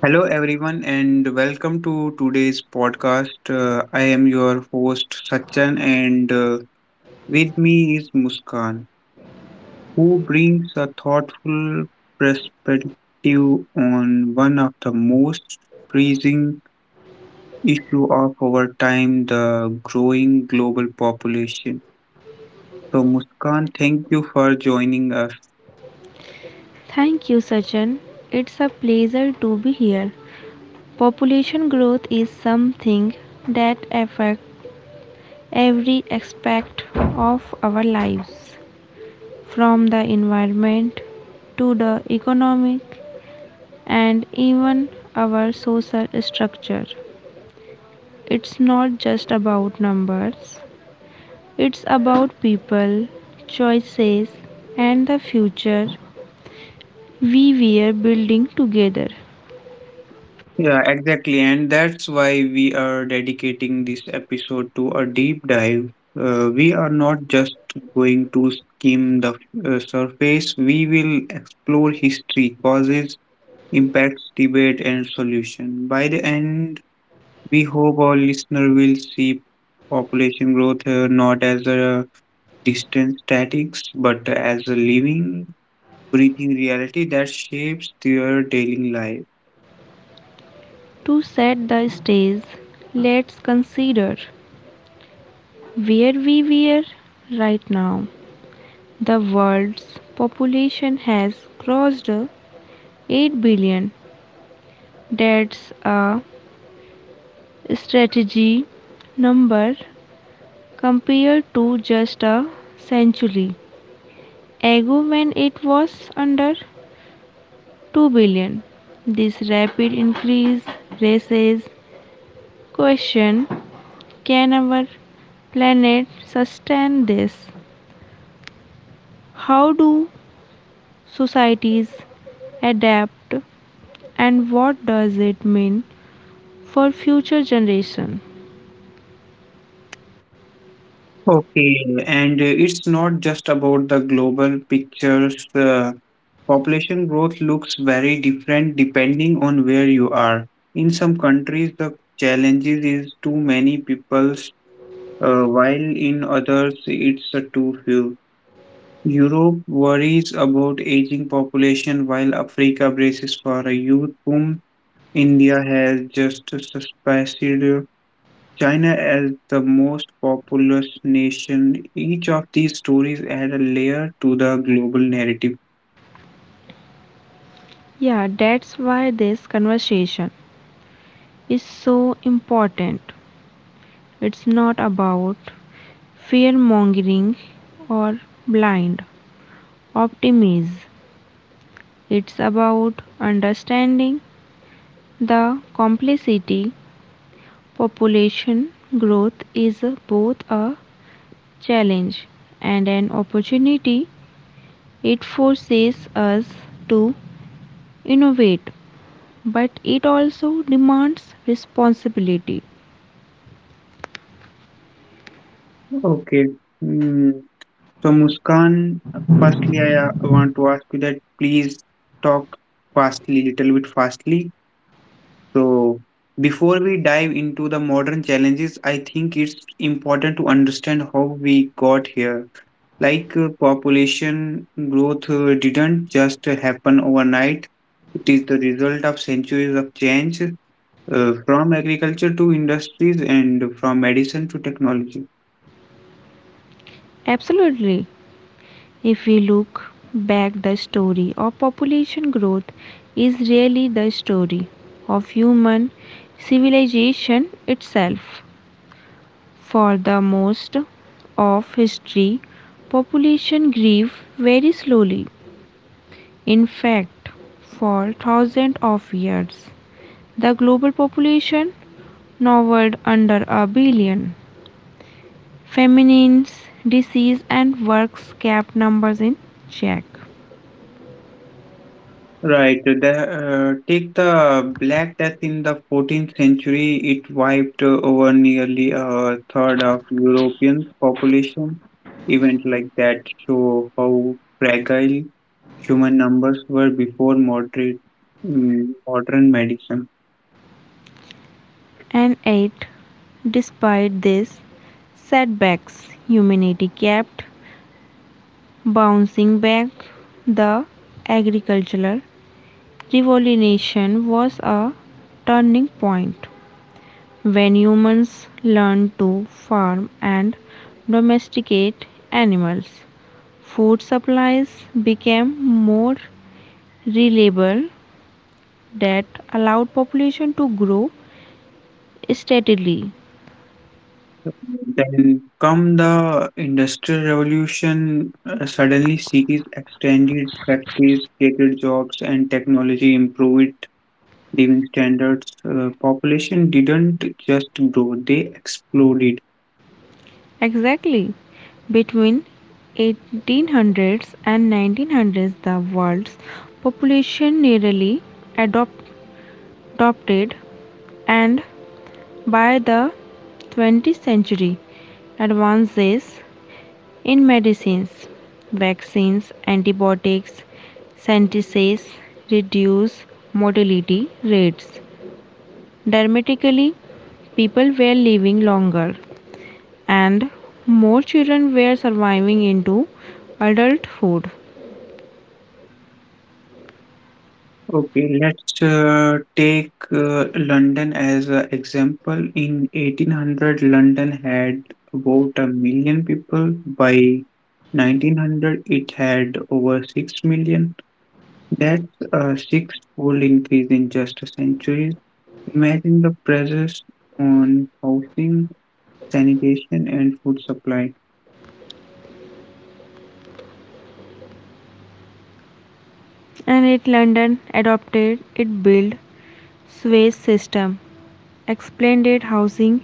Hello, everyone, and welcome to today's podcast. I am your host, Sachin, and with me is Muskan, who brings a thoughtful perspective on one of the most pressing issue of our time, the growing global population. So, Muskan, thank you for joining us. Thank you, Sachin. It's a pleasure to be here. Population growth is something that affects every aspect of our lives, from the environment to the economic and even our social structure. It's not just about numbers, it's about people, choices, and the future we were building together. Yeah, exactly. And that's why we are dedicating this episode to a deep dive. We are not just going to skim the surface, we will explore history, causes, impacts, debate, and solution. By the end, we hope our listener will see population growth not as a distant statics, but as a living, breathing reality that shapes their daily life. To set the stage, let's consider where we were right now. The world's population has crossed 8 billion. That's a strategy number compared to just a century ago when it was under 2 billion. This rapid increase raises question, can our planet sustain this? How do societies adapt and what does it mean for future generation? Okay, and it's not just about the global pictures. Population growth looks very different depending on where you are. In some countries, the challenges is too many peoples, while in others, it's too few. Europe worries about aging population, while Africa braces for a youth boom. India has just suspended China as the most populous nation. Each of these stories add a layer to the global narrative. Yeah, that's why this conversation is so important. It's not about fear mongering or blind optimism, it's about understanding the complexity. Population growth is both a challenge and an opportunity. It forces us to innovate, but it also demands responsibility. Okay. Hmm. So, Muskan, firstly, I want to ask you that please talk fastly, little bit fastly. So, before we dive into the modern challenges, I think it's important to understand how we got here. Like population growth didn't just happen overnight, it is the result of centuries of change, from agriculture to industries and from medicine to technology. Absolutely. If we look back, the story of population growth is really the story of human civilization itself. For the most of history, population grew very slowly. In fact, for thousands of years, the global population hovered under a billion. Feminines, disease, and works kept numbers in check. right the, Take the black death in the 14th century. It wiped over nearly a third of european population. Events like that show how fragile human numbers were before modern medicine. And 8. Despite these setbacks, humanity kept bouncing back. The agricultural revolution was a turning point when humans learned to farm and domesticate animals. Food supplies became more reliable that allowed population to grow steadily. Then come the Industrial Revolution. Suddenly, cities extended factories, created jobs, and technology improved living standards. Population didn't just grow; they exploded. Exactly. Between 1800s and 1900s the world's population nearly adopt- adopted and by the 20th century advances in medicines, vaccines, antibiotics, sentences reduce mortality rates dramatically. People were living longer and more children were surviving into adulthood. Okay, let's take London as an example. In 1800, London had about a million people. By 1900, it had over 6 million. That's a six-fold increase in just a century. Imagine the pressures on housing, sanitation, and food supply. And it London adopted, it built sewage system, expanded housing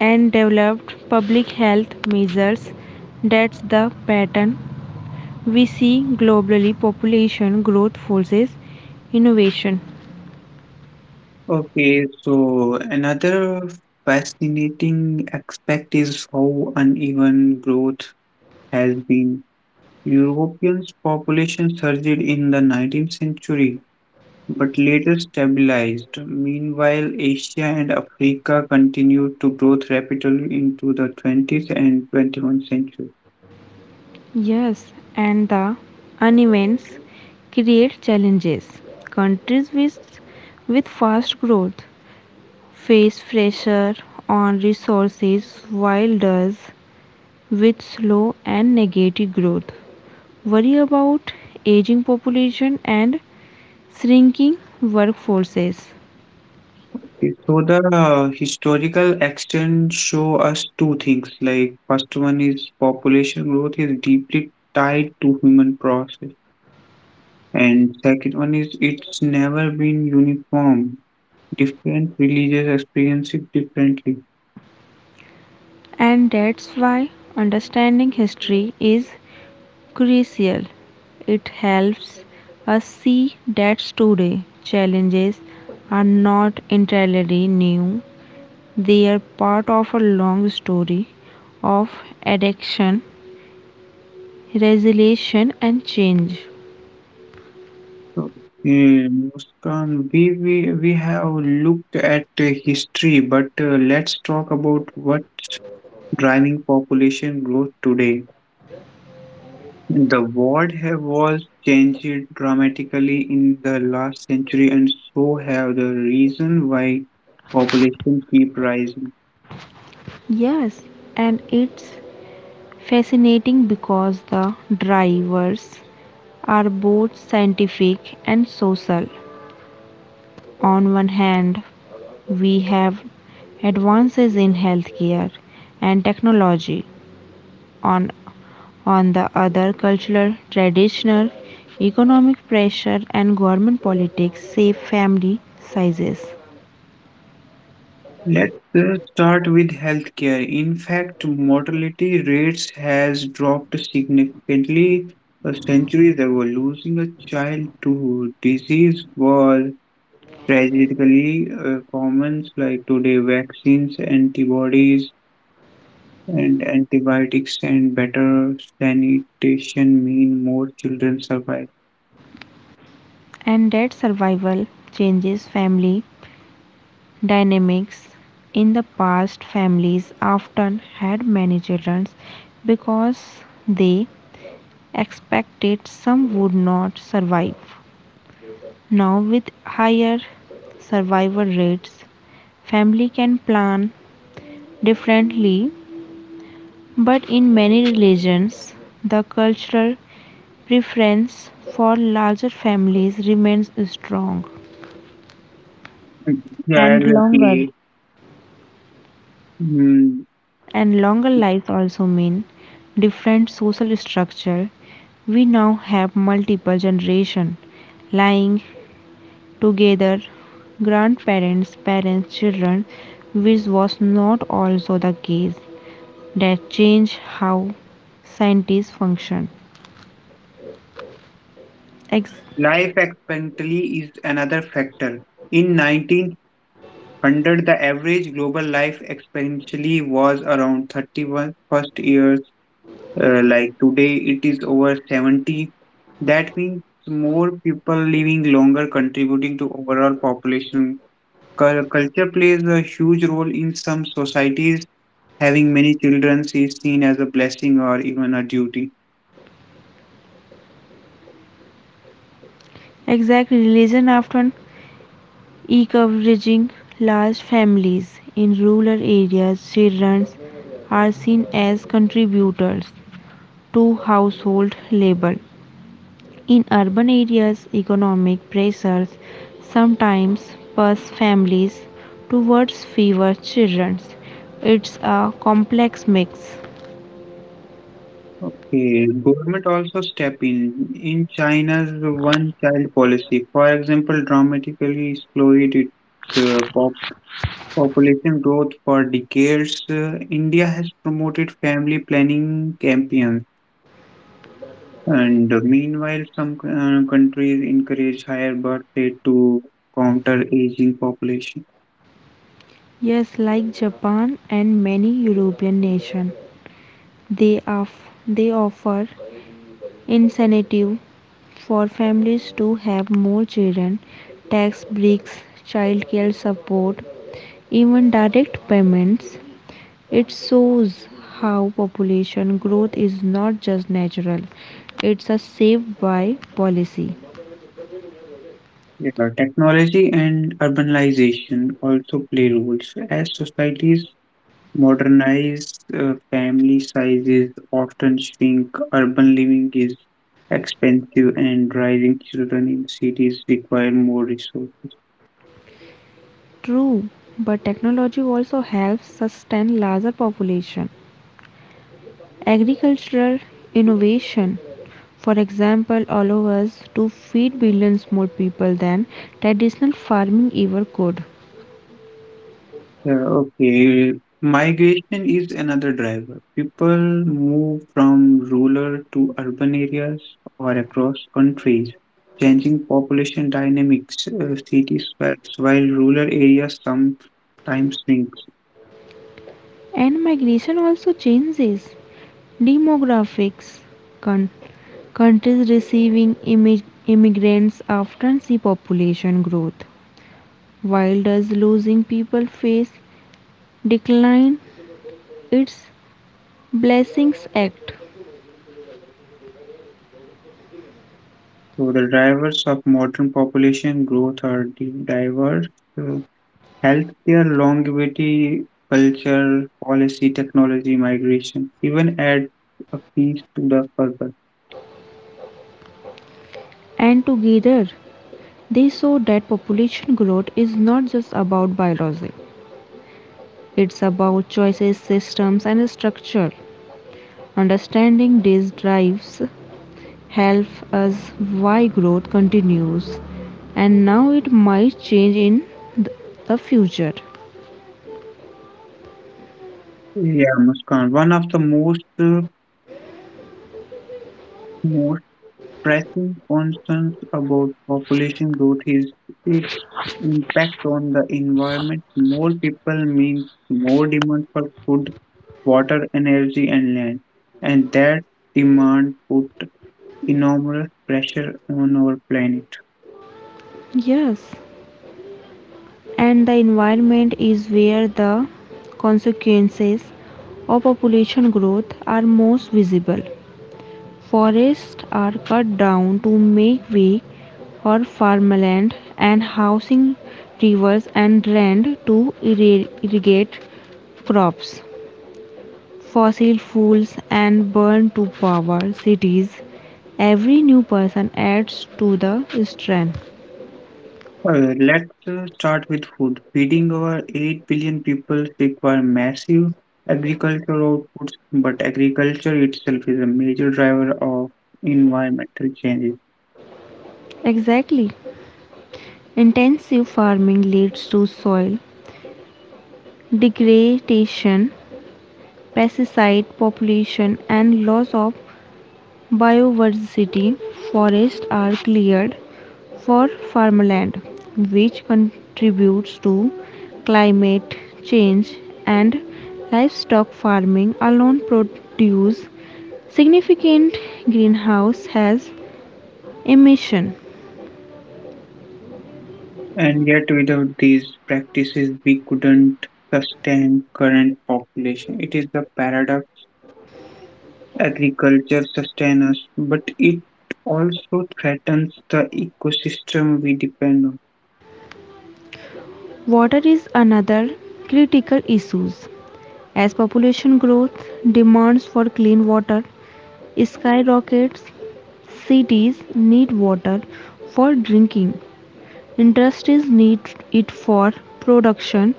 and developed public health measures. That's the pattern we see globally. Population growth forces innovation. Okay, so another fascinating aspect is how uneven growth has been. Europeans' population surged in the 19th century but later stabilized. Meanwhile, Asia and Africa continued to grow rapidly into the 20th and 21st century. Yes, and the unevents create challenges. Countries with fast growth face pressure on resources while does with slow and negative growth worry about aging population and shrinking workforces. Okay, so the historical extent show us two things. Like, first one is population growth is deeply tied to human process, and second one is it's never been uniform. Different religious experience it differently. And that's why understanding history is crucial. It helps us see that today's challenges are not entirely new, they are part of a long story of adaptation, resilience and change. So, Muskan, we have looked at history, but let's talk about what's driving population growth today. The world have was changed dramatically in the last century and so have the reason why population keep rising. Yes, and it's fascinating because the drivers are both scientific and social. On one hand we have advances in healthcare and technology. On on the other, cultural traditional economic pressure and government politics save family sizes. Let's start with healthcare. In fact, mortality rates has dropped significantly a century ago. Losing a child to disease was tragically common. Like today, vaccines, antibodies, and antibiotics and better sanitation mean more children survive. And that survival changes family dynamics. In the past, families often had many children because they expected some would not survive. Now, with higher survival rates, family can plan differently, but in many religions, the cultural preference for larger families remains strong. Mm. Yeah, and longer exactly. Mm. and longer lives also mean different social structure. We now have multiple generation lying together, grandparents, parents, children, which was not also the case. That changed how scientists function. Ex- Life expectancy is another factor. In 1900, the average global life expectancy was around 31 first years. Like today, it is over 70. That means more people living longer, contributing to overall population. Culture plays a huge role in some societies. Having many children is seen as a blessing or even a duty. exact religion often encouraging large families in rural areas, children are seen as contributors to household labor. In urban areas, economic pressures sometimes push families towards fewer children. It's a complex mix. Okay, government also step in. In China's one child policy, for example, dramatically slowed its population growth for decades. India has promoted family planning campaigns, and meanwhile, some countries encourage higher birth rate to counter aging population. Yes, like Japan and many European nations, they, they offer incentive for families to have more children, tax breaks, child care support, even direct payments. It shows how population growth is not just natural, it's a shaped by policy. Yeah, technology and urbanization also play roles. As societies modernize, family sizes often shrink, urban living is expensive, and raising children in cities require more resources. True, but technology also helps sustain larger population. Agricultural innovation, for example, allow us to feed billions more people than traditional farming ever could. Yeah, okay. Migration is another driver. People move from rural to urban areas or across countries, changing population dynamics. Cities spreads while rural areas sometimes shrink. And migration also changes demographics. Countries Countries receiving immigrants often see population growth. While does losing people face decline, its blessings act. So the drivers of modern population growth are diverse. Uh, Healthcare, longevity, culture, policy, technology, migration, even add a piece to the puzzle. And together, they show that population growth is not just about biology, it's about choices, systems, and structure. Understanding these drives help us why growth continues and now it might change in th- the future. Yeah, Muskan. One of the most pressing concerns about population growth is its impact on the environment. More people means more demand for food, water, energy, and land, and that demand put enormous pressure on our planet. Yes, and the environment is where the consequences of population growth are most visible. Forests are cut down to make way for farmland and housing, rivers and land to irrigate crops, fossil fuels and burn to power cities. Every new person adds to the strain. Let's start with food. Feeding over 8 billion people require massive agricultural outputs, but agriculture itself is a major driver of environmental changes. Exactly, intensive farming leads to soil degradation, pesticide population and loss of biodiversity. Forests are cleared for farmland, which contributes to climate change, and livestock farming alone produces significant greenhouse gas emission. And yet, without these practices, we couldn't sustain current population. It is the paradox. Agriculture sustains us, but it also threatens the ecosystem we depend on. Water is another critical issue. As population growth demands for clean water skyrockets, cities need water for drinking, industries need it for production,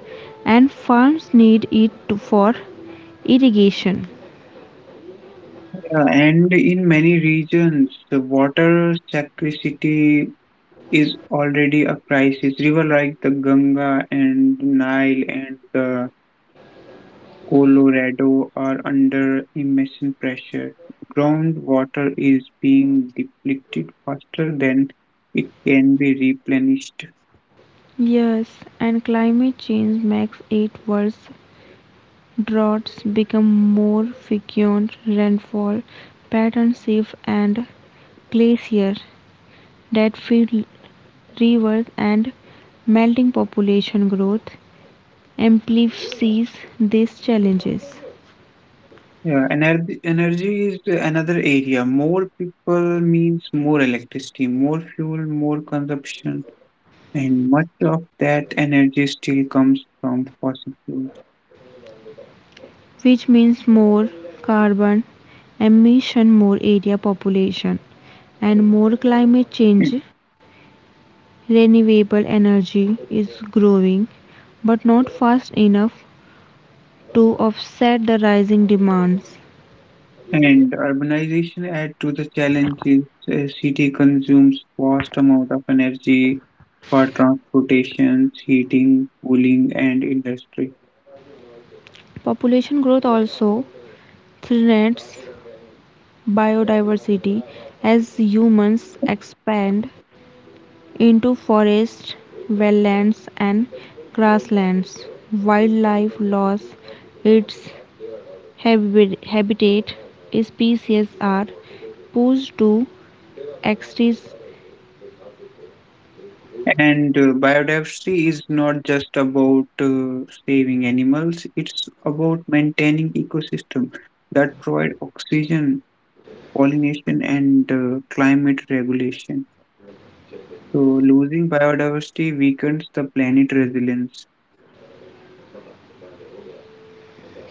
and farms need it for irrigation. Yeah, and in many regions, the water scarcity is already a crisis. River like the Ganga and the Nile and the Colorado are under immense pressure. Groundwater is being depleted faster than it can be replenished. Yes, and climate change makes it worse. Droughts become more frequent, rainfall patterns shift, and glaciers that feed rivers and melting population growth amplifies these challenges. Yeah, energy is another area. More people means more electricity, more fuel, more consumption, and much of that energy still comes from fossil fuels. Which means more carbon emission, more area population and more climate change. Renewable energy is growing but not fast enough to offset the rising demands. And urbanization add to the challenges. A city consumes vast amount of energy for transportation, heating, cooling, and industry. Population growth also threatens biodiversity as humans expand into forests, wetlands and grasslands. Wildlife loss its habitat, species are pushed to extinction. And biodiversity is not just about saving animals; it's about maintaining ecosystem that provide oxygen, pollination, and climate regulation. So, losing biodiversity weakens the planet resilience.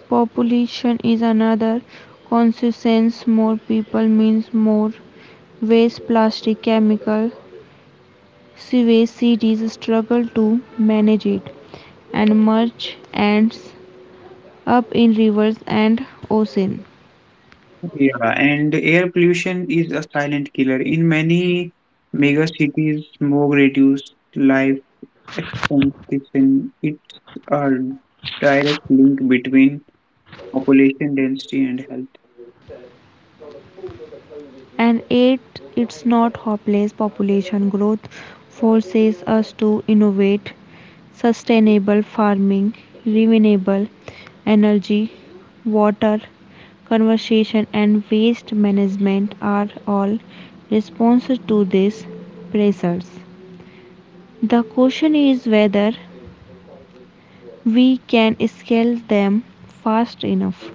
Population is another consequence. More people means more waste, plastic, chemical, sewage. Cities struggle to manage it, and much ends up in rivers and ocean. Yeah, and air pollution is a silent killer. In many mega cities, smog reduced life expectancy. It's a direct link between population density and health. And yet it's not hopeless. Population growth forces us to innovate sustainable farming, renewable energy, water conservation, and waste management are all responses to these pressures. The question is whether we can scale them fast enough.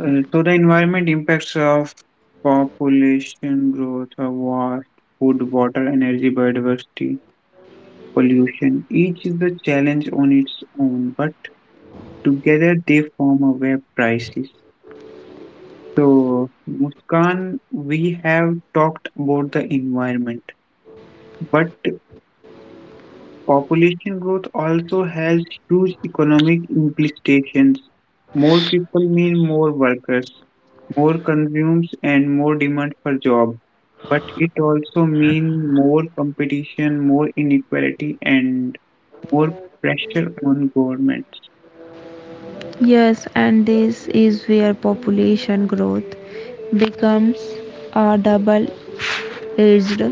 So the environment impacts of population growth, war, food, water, energy, biodiversity, pollution. Each is the challenge on its own, but together they form a web crisis. So, Muskan, we have talked about the environment, but population growth also has huge economic implications. More people mean more workers, more consumes, and more demand for job. But it also means more competition, more inequality, and more pressure on governments. Yes, and this is where population growth becomes a double edged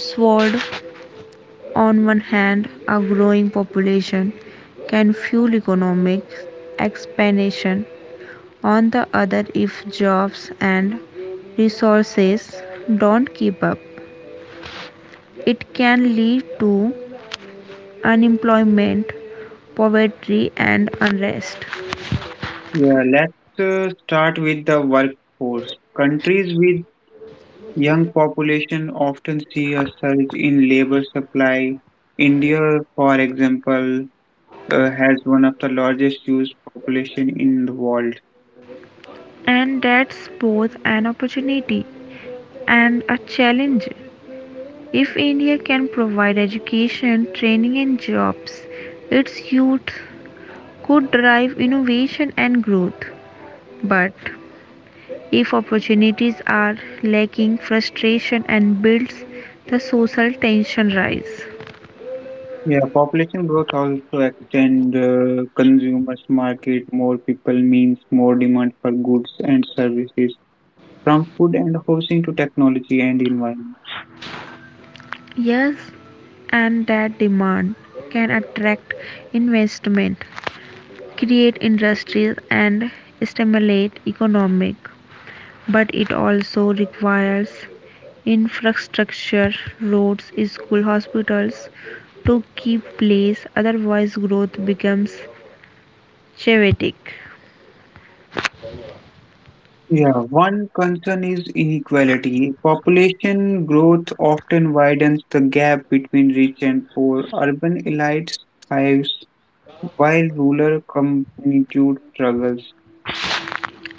sword. On one hand, a growing population can fuel economic expansion. On the other, if jobs and resources don't keep up, it can lead to unemployment, poverty, and unrest. Yeah, let's start with the workforce. Countries with Young population often see a surge in labor supply. India, for example, has one of the largest youth population in the world. And that's both an opportunity and a challenge. If India can provide education, training, and jobs, its youth could drive innovation and growth. But if opportunities are lacking, frustration and builds the social tension rise. Yeah, population growth also extend consumers market. More people means more demand for goods and services, from food and housing to technology and environment. Yes, and that demand can attract investment, create industries and stimulate economic but it also requires infrastructure, roads, schools, hospitals, to keep place otherwise growth becomes chaotic. Yeah, one concern is inequality. Population growth often widens the gap between rich and poor. Urban elites thrives while rural communities struggles.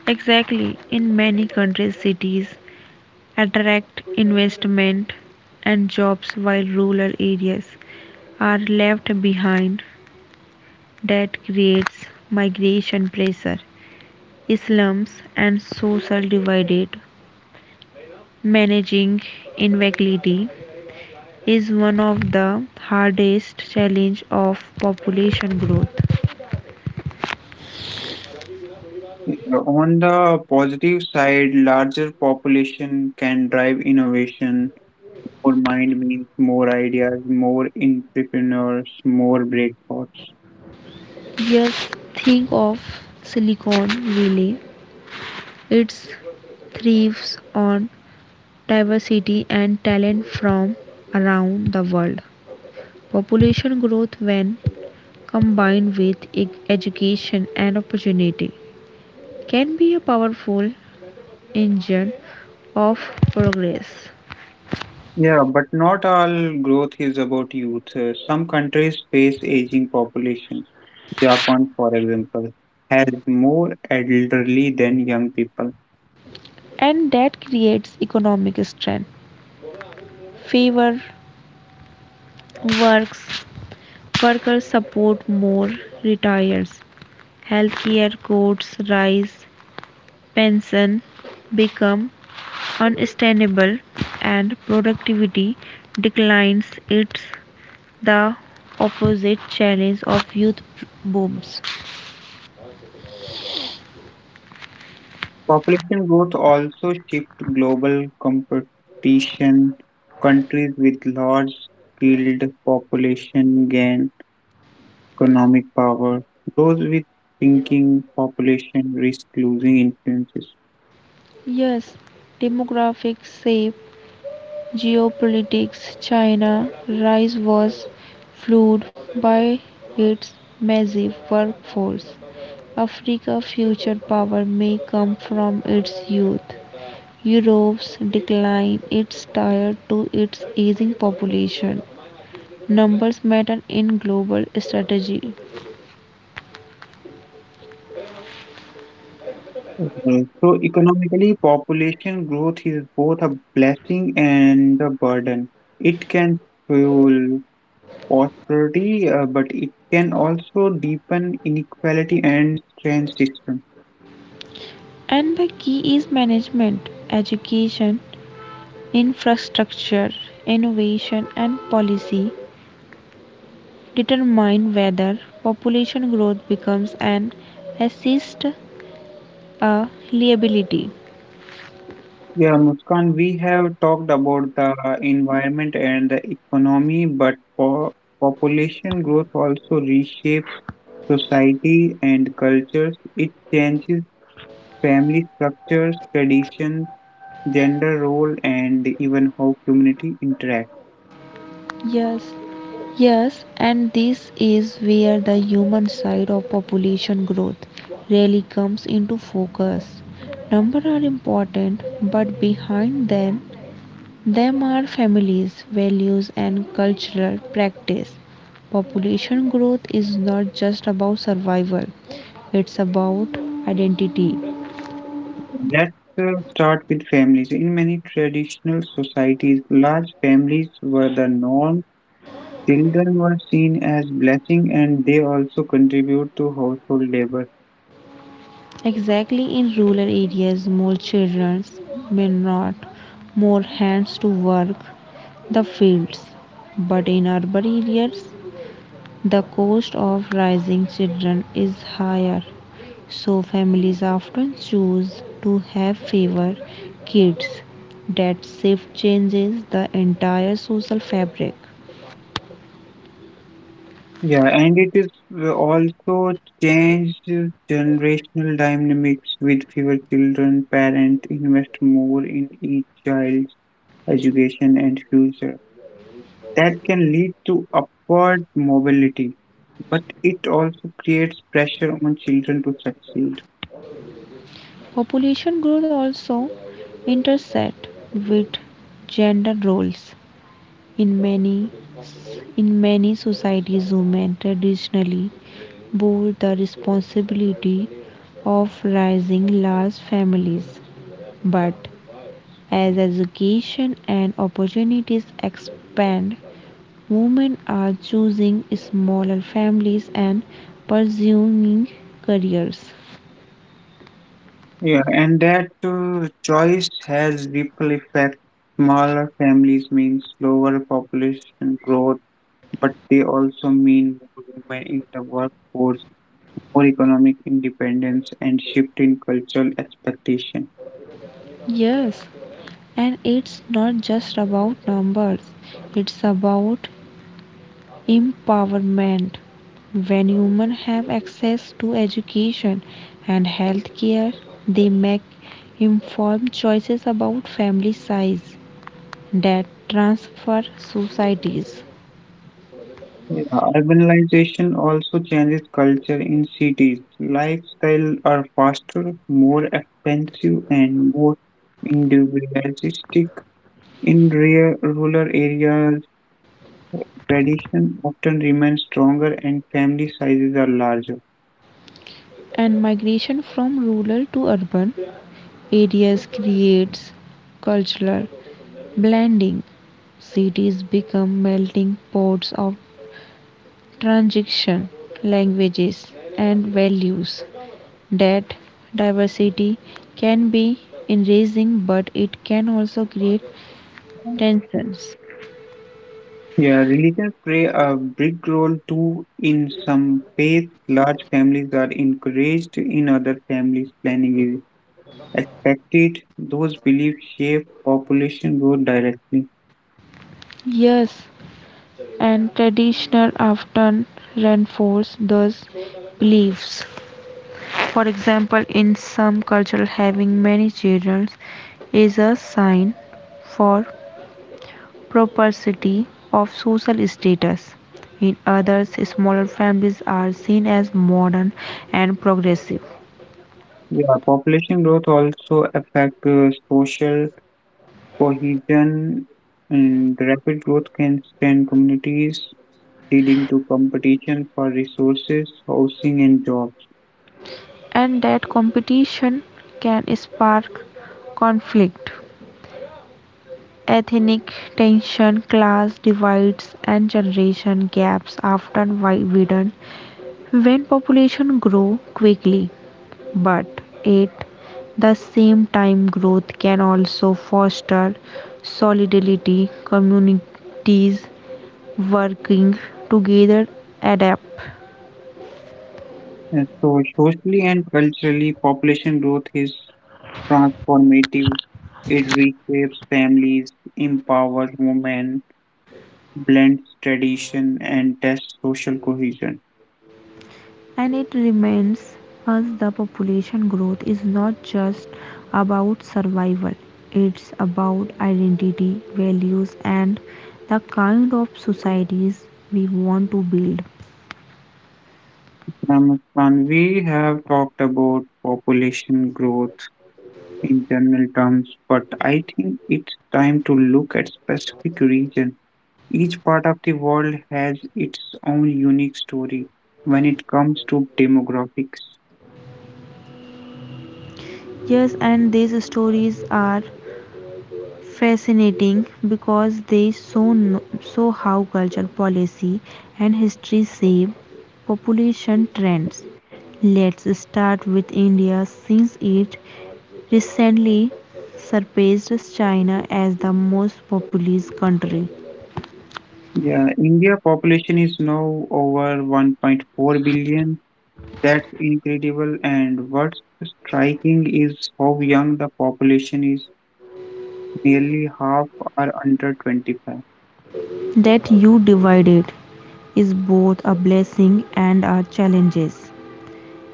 Exactly, in many countries cities attract investment and jobs while rural areas are left behind. That creates migration pressure, slums and social divide. Managing inequality is one of the hardest challenge of population growth. Yeah, on the positive side, larger population can drive innovation. More mind means more ideas, more entrepreneurs, more breakthroughs. Just think of Silicon Valley, it thrives on diversity and talent from around the world. Population growth when combined with education and opportunity can be a powerful engine of progress. Yeah, but not all growth is about youth. Some countries face aging population. Japan, for example, has more elderly than young people. And that creates economic strength, favor works. Workers support more retires, healthcare costs rise, pension become unsustainable and productivity declines. It's the opposite challenge of youth booms. Population growth also shifts global competition. Countries with large skilled population gain economic power. Those with shrinking population risk losing influences. Yes, demographics shape geopolitics. China rise was fueled by its massive workforce. Africa's future power may come from its youth. Europe's decline is tied to its aging population. Numbers matter in global strategy. Mhm. So economically, population growth is both a blessing and a burden. It can fuel prosperity, but it can also deepen inequality and strain system. And the key is management, education, infrastructure, innovation, and policy determine whether population growth becomes an assist a liability. Yeah, Muskan, we have talked about the environment and the economy, but po population growth also reshapes society and cultures. It changes family structures, traditions gender role and even how community interact. Yes, Yes, and this is where the human side of population growth really comes into focus. Numbers are important, but behind them are families, values, and cultural practice. Population growth is not just about survival, it's about identity. Let's start with families. In many traditional societies large families were the norm, children were seen as blessing and they also contribute to household labor. Exactly, in rural areas, more children mean not more hands to work the fields. But in urban areas, the cost of raising children is higher, so families often choose to have fewer kids. That shift changes the entire social fabric. Yeah, and it is also changed generational dynamics. With fewer children, parents invest more in each child's education and future. That can lead to upward mobility, but it also creates pressure on children to succeed. Population growth also intersect with gender roles. In many in many societies women traditionally bore the responsibility of raising large families. But as education and opportunities expand, women are choosing smaller families and pursuing careers. Yeah, and that choice has ripple effect. Smaller families mean slower population growth, but they also mean more women in the workforce, more economic independence, and shift in cultural expectation. Yes, and it's not just about numbers, it's about empowerment. When humans have access to education and healthcare, they make informed choices about family size that transfer societies. Yeah, urbanization also changes culture in cities. Lifestyle are faster, more expensive, and more individualistic. In rural areas, tradition often remains stronger and family sizes are larger. And migration from rural to urban areas creates cultural blending. Cities become melting pots of transition, languages, and values. That diversity can be enriching but it can also create tensions. Yeah, religions play a big role too. In some faiths, large families are encouraged, in other families, planning is expected. Those beliefs shape population growth directly. Yes, and traditional often reinforce those beliefs. For example, in some cultures, having many children is a sign for propensity of social status. In others, smaller families are seen as modern and progressive. Yeah, population growth also affect social cohesion, and rapid growth can strain communities leading to competition for resources, housing, and jobs. And that competition can spark conflict. Ethnic tension, class divides, and generation gaps often widen when population grow quickly. But at the same time, growth can also foster solidarity, communities working together adapt. And so, socially and culturally, population growth is transformative. It reshapes families, empowers women, blends tradition, and tests social cohesion. And it reminds us the population growth is not just about survival, it's about identity, values and the kind of societies we want to build. Namaste. We have talked about population growth in general terms, but I think it's time to look at specific regions. Each part of the world has its own unique story when it comes to demographics. Yes, and these stories are fascinating because they show, show how culture, policy and history shape population trends. Let's start with India since it recently surpassed China as the most populous country. Yeah, India population is now over 1.4 billion. That's incredible. And what's striking is how young the population is. Nearly half are under 25. That you divided is both a blessing and a challenge.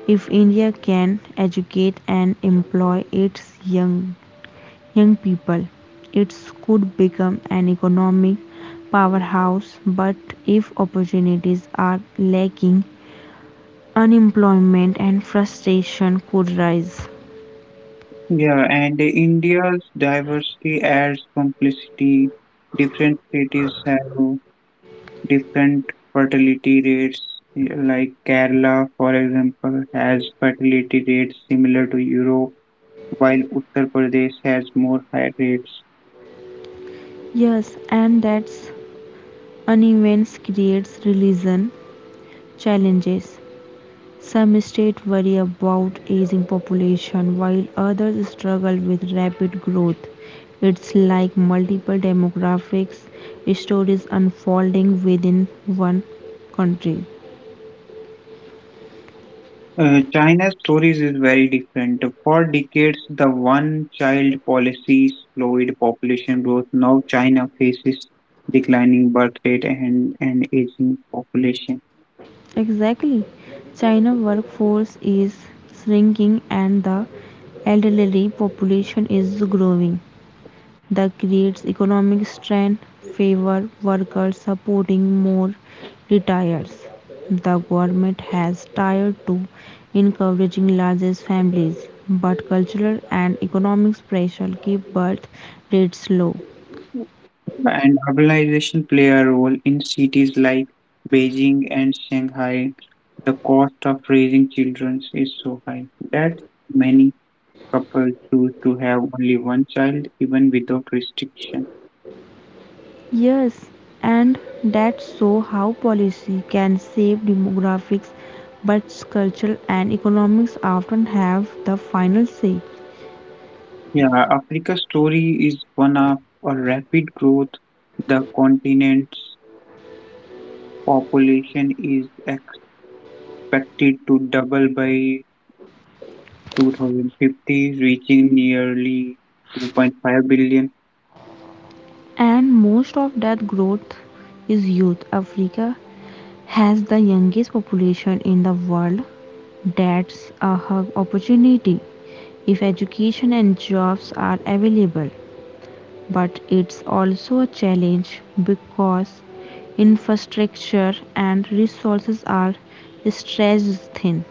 If India can educate and employ its young people, it could become an economic powerhouse. But if opportunities are lacking, unemployment and frustration could rise. Yeah, and India's diversity adds complexity. Different cities have different fertility rates, yeah, like Kerala, for example, has fertility rates similar to Europe, while Uttar Pradesh has more high rates. Yes, and that's unevenness creates religion challenges. Some states worry about aging population while others struggle with rapid growth. It's like multiple demographics stories unfolding within one country. China's stories is very different. For decades, the one-child policy slowed population growth. Now China faces declining birth rate and an aging population. Exactly. China workforce is shrinking and the elderly population is growing. That creates economic strain, favor workers supporting more retirees. The government has tied to encouraging larger families, but cultural and economic pressure keep birth rates low. And urbanization play a role in cities like Beijing and Shanghai. The cost of raising children is so high that many couples choose to have only one child, even without restriction. Yes, and that shows how policy can save demographics, but culture and economics often have the final say. Yeah, Africa's story is one of a rapid growth. The continent's population is expected to double by 2050, reaching nearly 2.5 billion. And most of that growth is youth. Africa has the youngest population in the world. That's a hug opportunity if education and jobs are available but it's also a challenge because infrastructure and resources are stretched thin.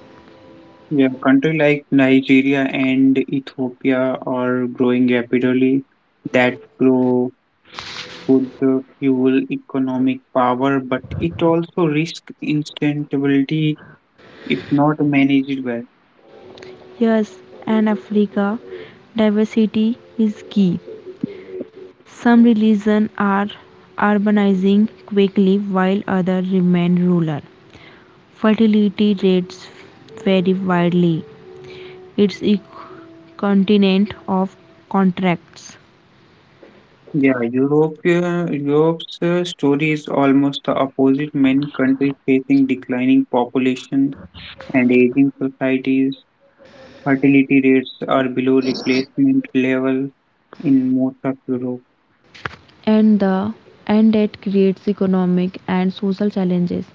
Yeah, country like Nigeria and Ethiopia are growing rapidly. That grow could fuel economic power, but it also risks instability if not managed well. Yes, and africa diversity is key. Some religions are urbanizing quickly while others remain rural. Fertility rates vary widely. It's a continent of contracts. Yeah, Europe's story is almost the opposite. Many countries facing declining populations and aging societies. Fertility rates are below replacement level in most of Europe. And the and that creates economic and social challenges,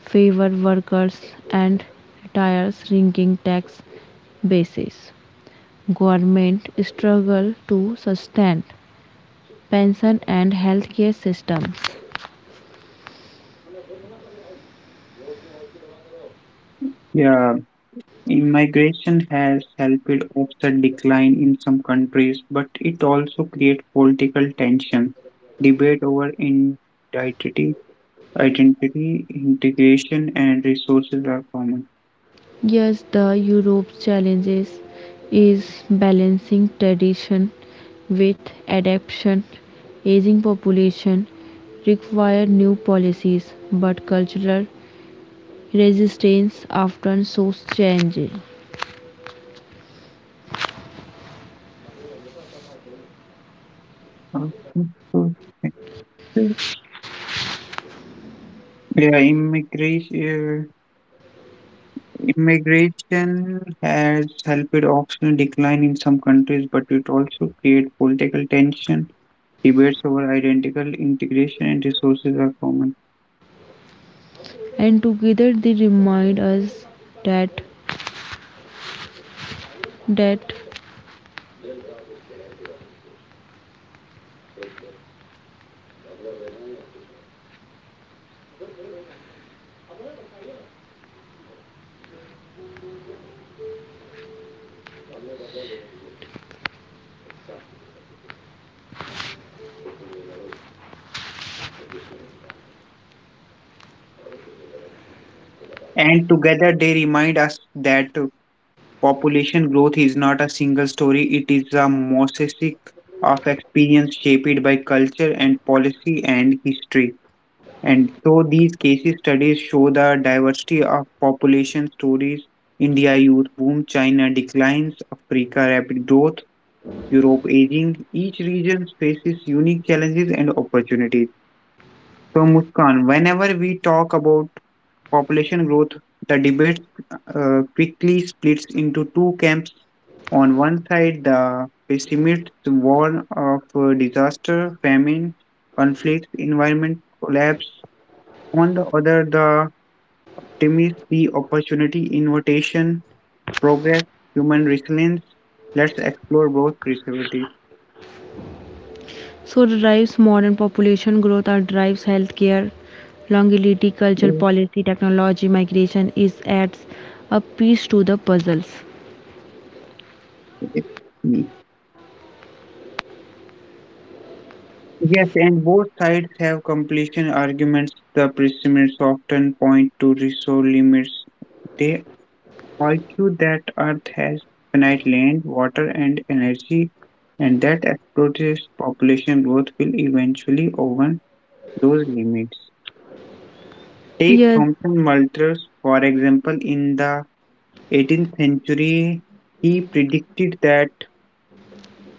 favor workers and retire, shrinking tax bases. Government struggle to sustain pension and healthcare systems. Yeah, Immigration has helped offset decline in some countries, but it also creates political tension, debate over identity, integration, and resources are common. Yes, the Europe's challenges is balancing tradition with adaptation. Aging population require new policies, but cultural resistance often shows change. Okay, so thank you. Yeah, immigration has helped optional decline in some countries, but it also creates political tension, debates over identical integration, and resources are common. And together they remind us that that And together they remind us that population growth is not a single story, it is a mosaic of experience shaped by culture and policy and history. And so these case studies show the diversity of population stories. India youth boom, China declines, Africa rapid growth, Europe aging. Each region faces unique challenges and opportunities. So Muskan, whenever we talk about population growth, the debate quickly splits into two camps. On one side, the pessimists warn of disaster, famine, conflict, environment collapse. On the other, the optimists see opportunity, invitation, progress, human resilience. Let's explore both perspectives. so drives modern population growth or drives healthcare, longevity, cultural policy, technology, migration is adds a piece to the puzzles. Okay. Yes, and both sides have completion arguments. The pessimists often point to resource limits. They argue that Earth has finite land, water, and energy, and that explosive population growth will eventually overrun those limits. Take Yes, Thomson Malthus, for example, in the 18th century, he predicted that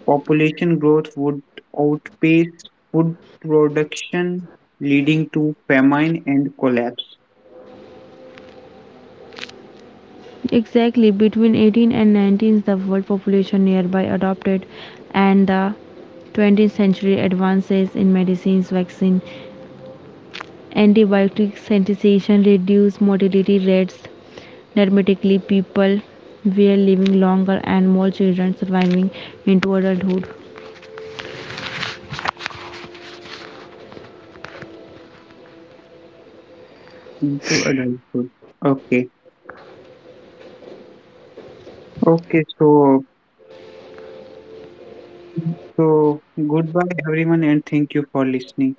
population growth would outpace food production, leading to famine and collapse exactly, between 18 and 19, the world population nearby adopted, and the 20th century advances in medicines, vaccine, antibiotic sanitation reduced mortality rates dramatically. People were living longer and more children surviving into adulthood. into adulthood. Okay, okay, so So, goodbye everyone, and thank you for listening.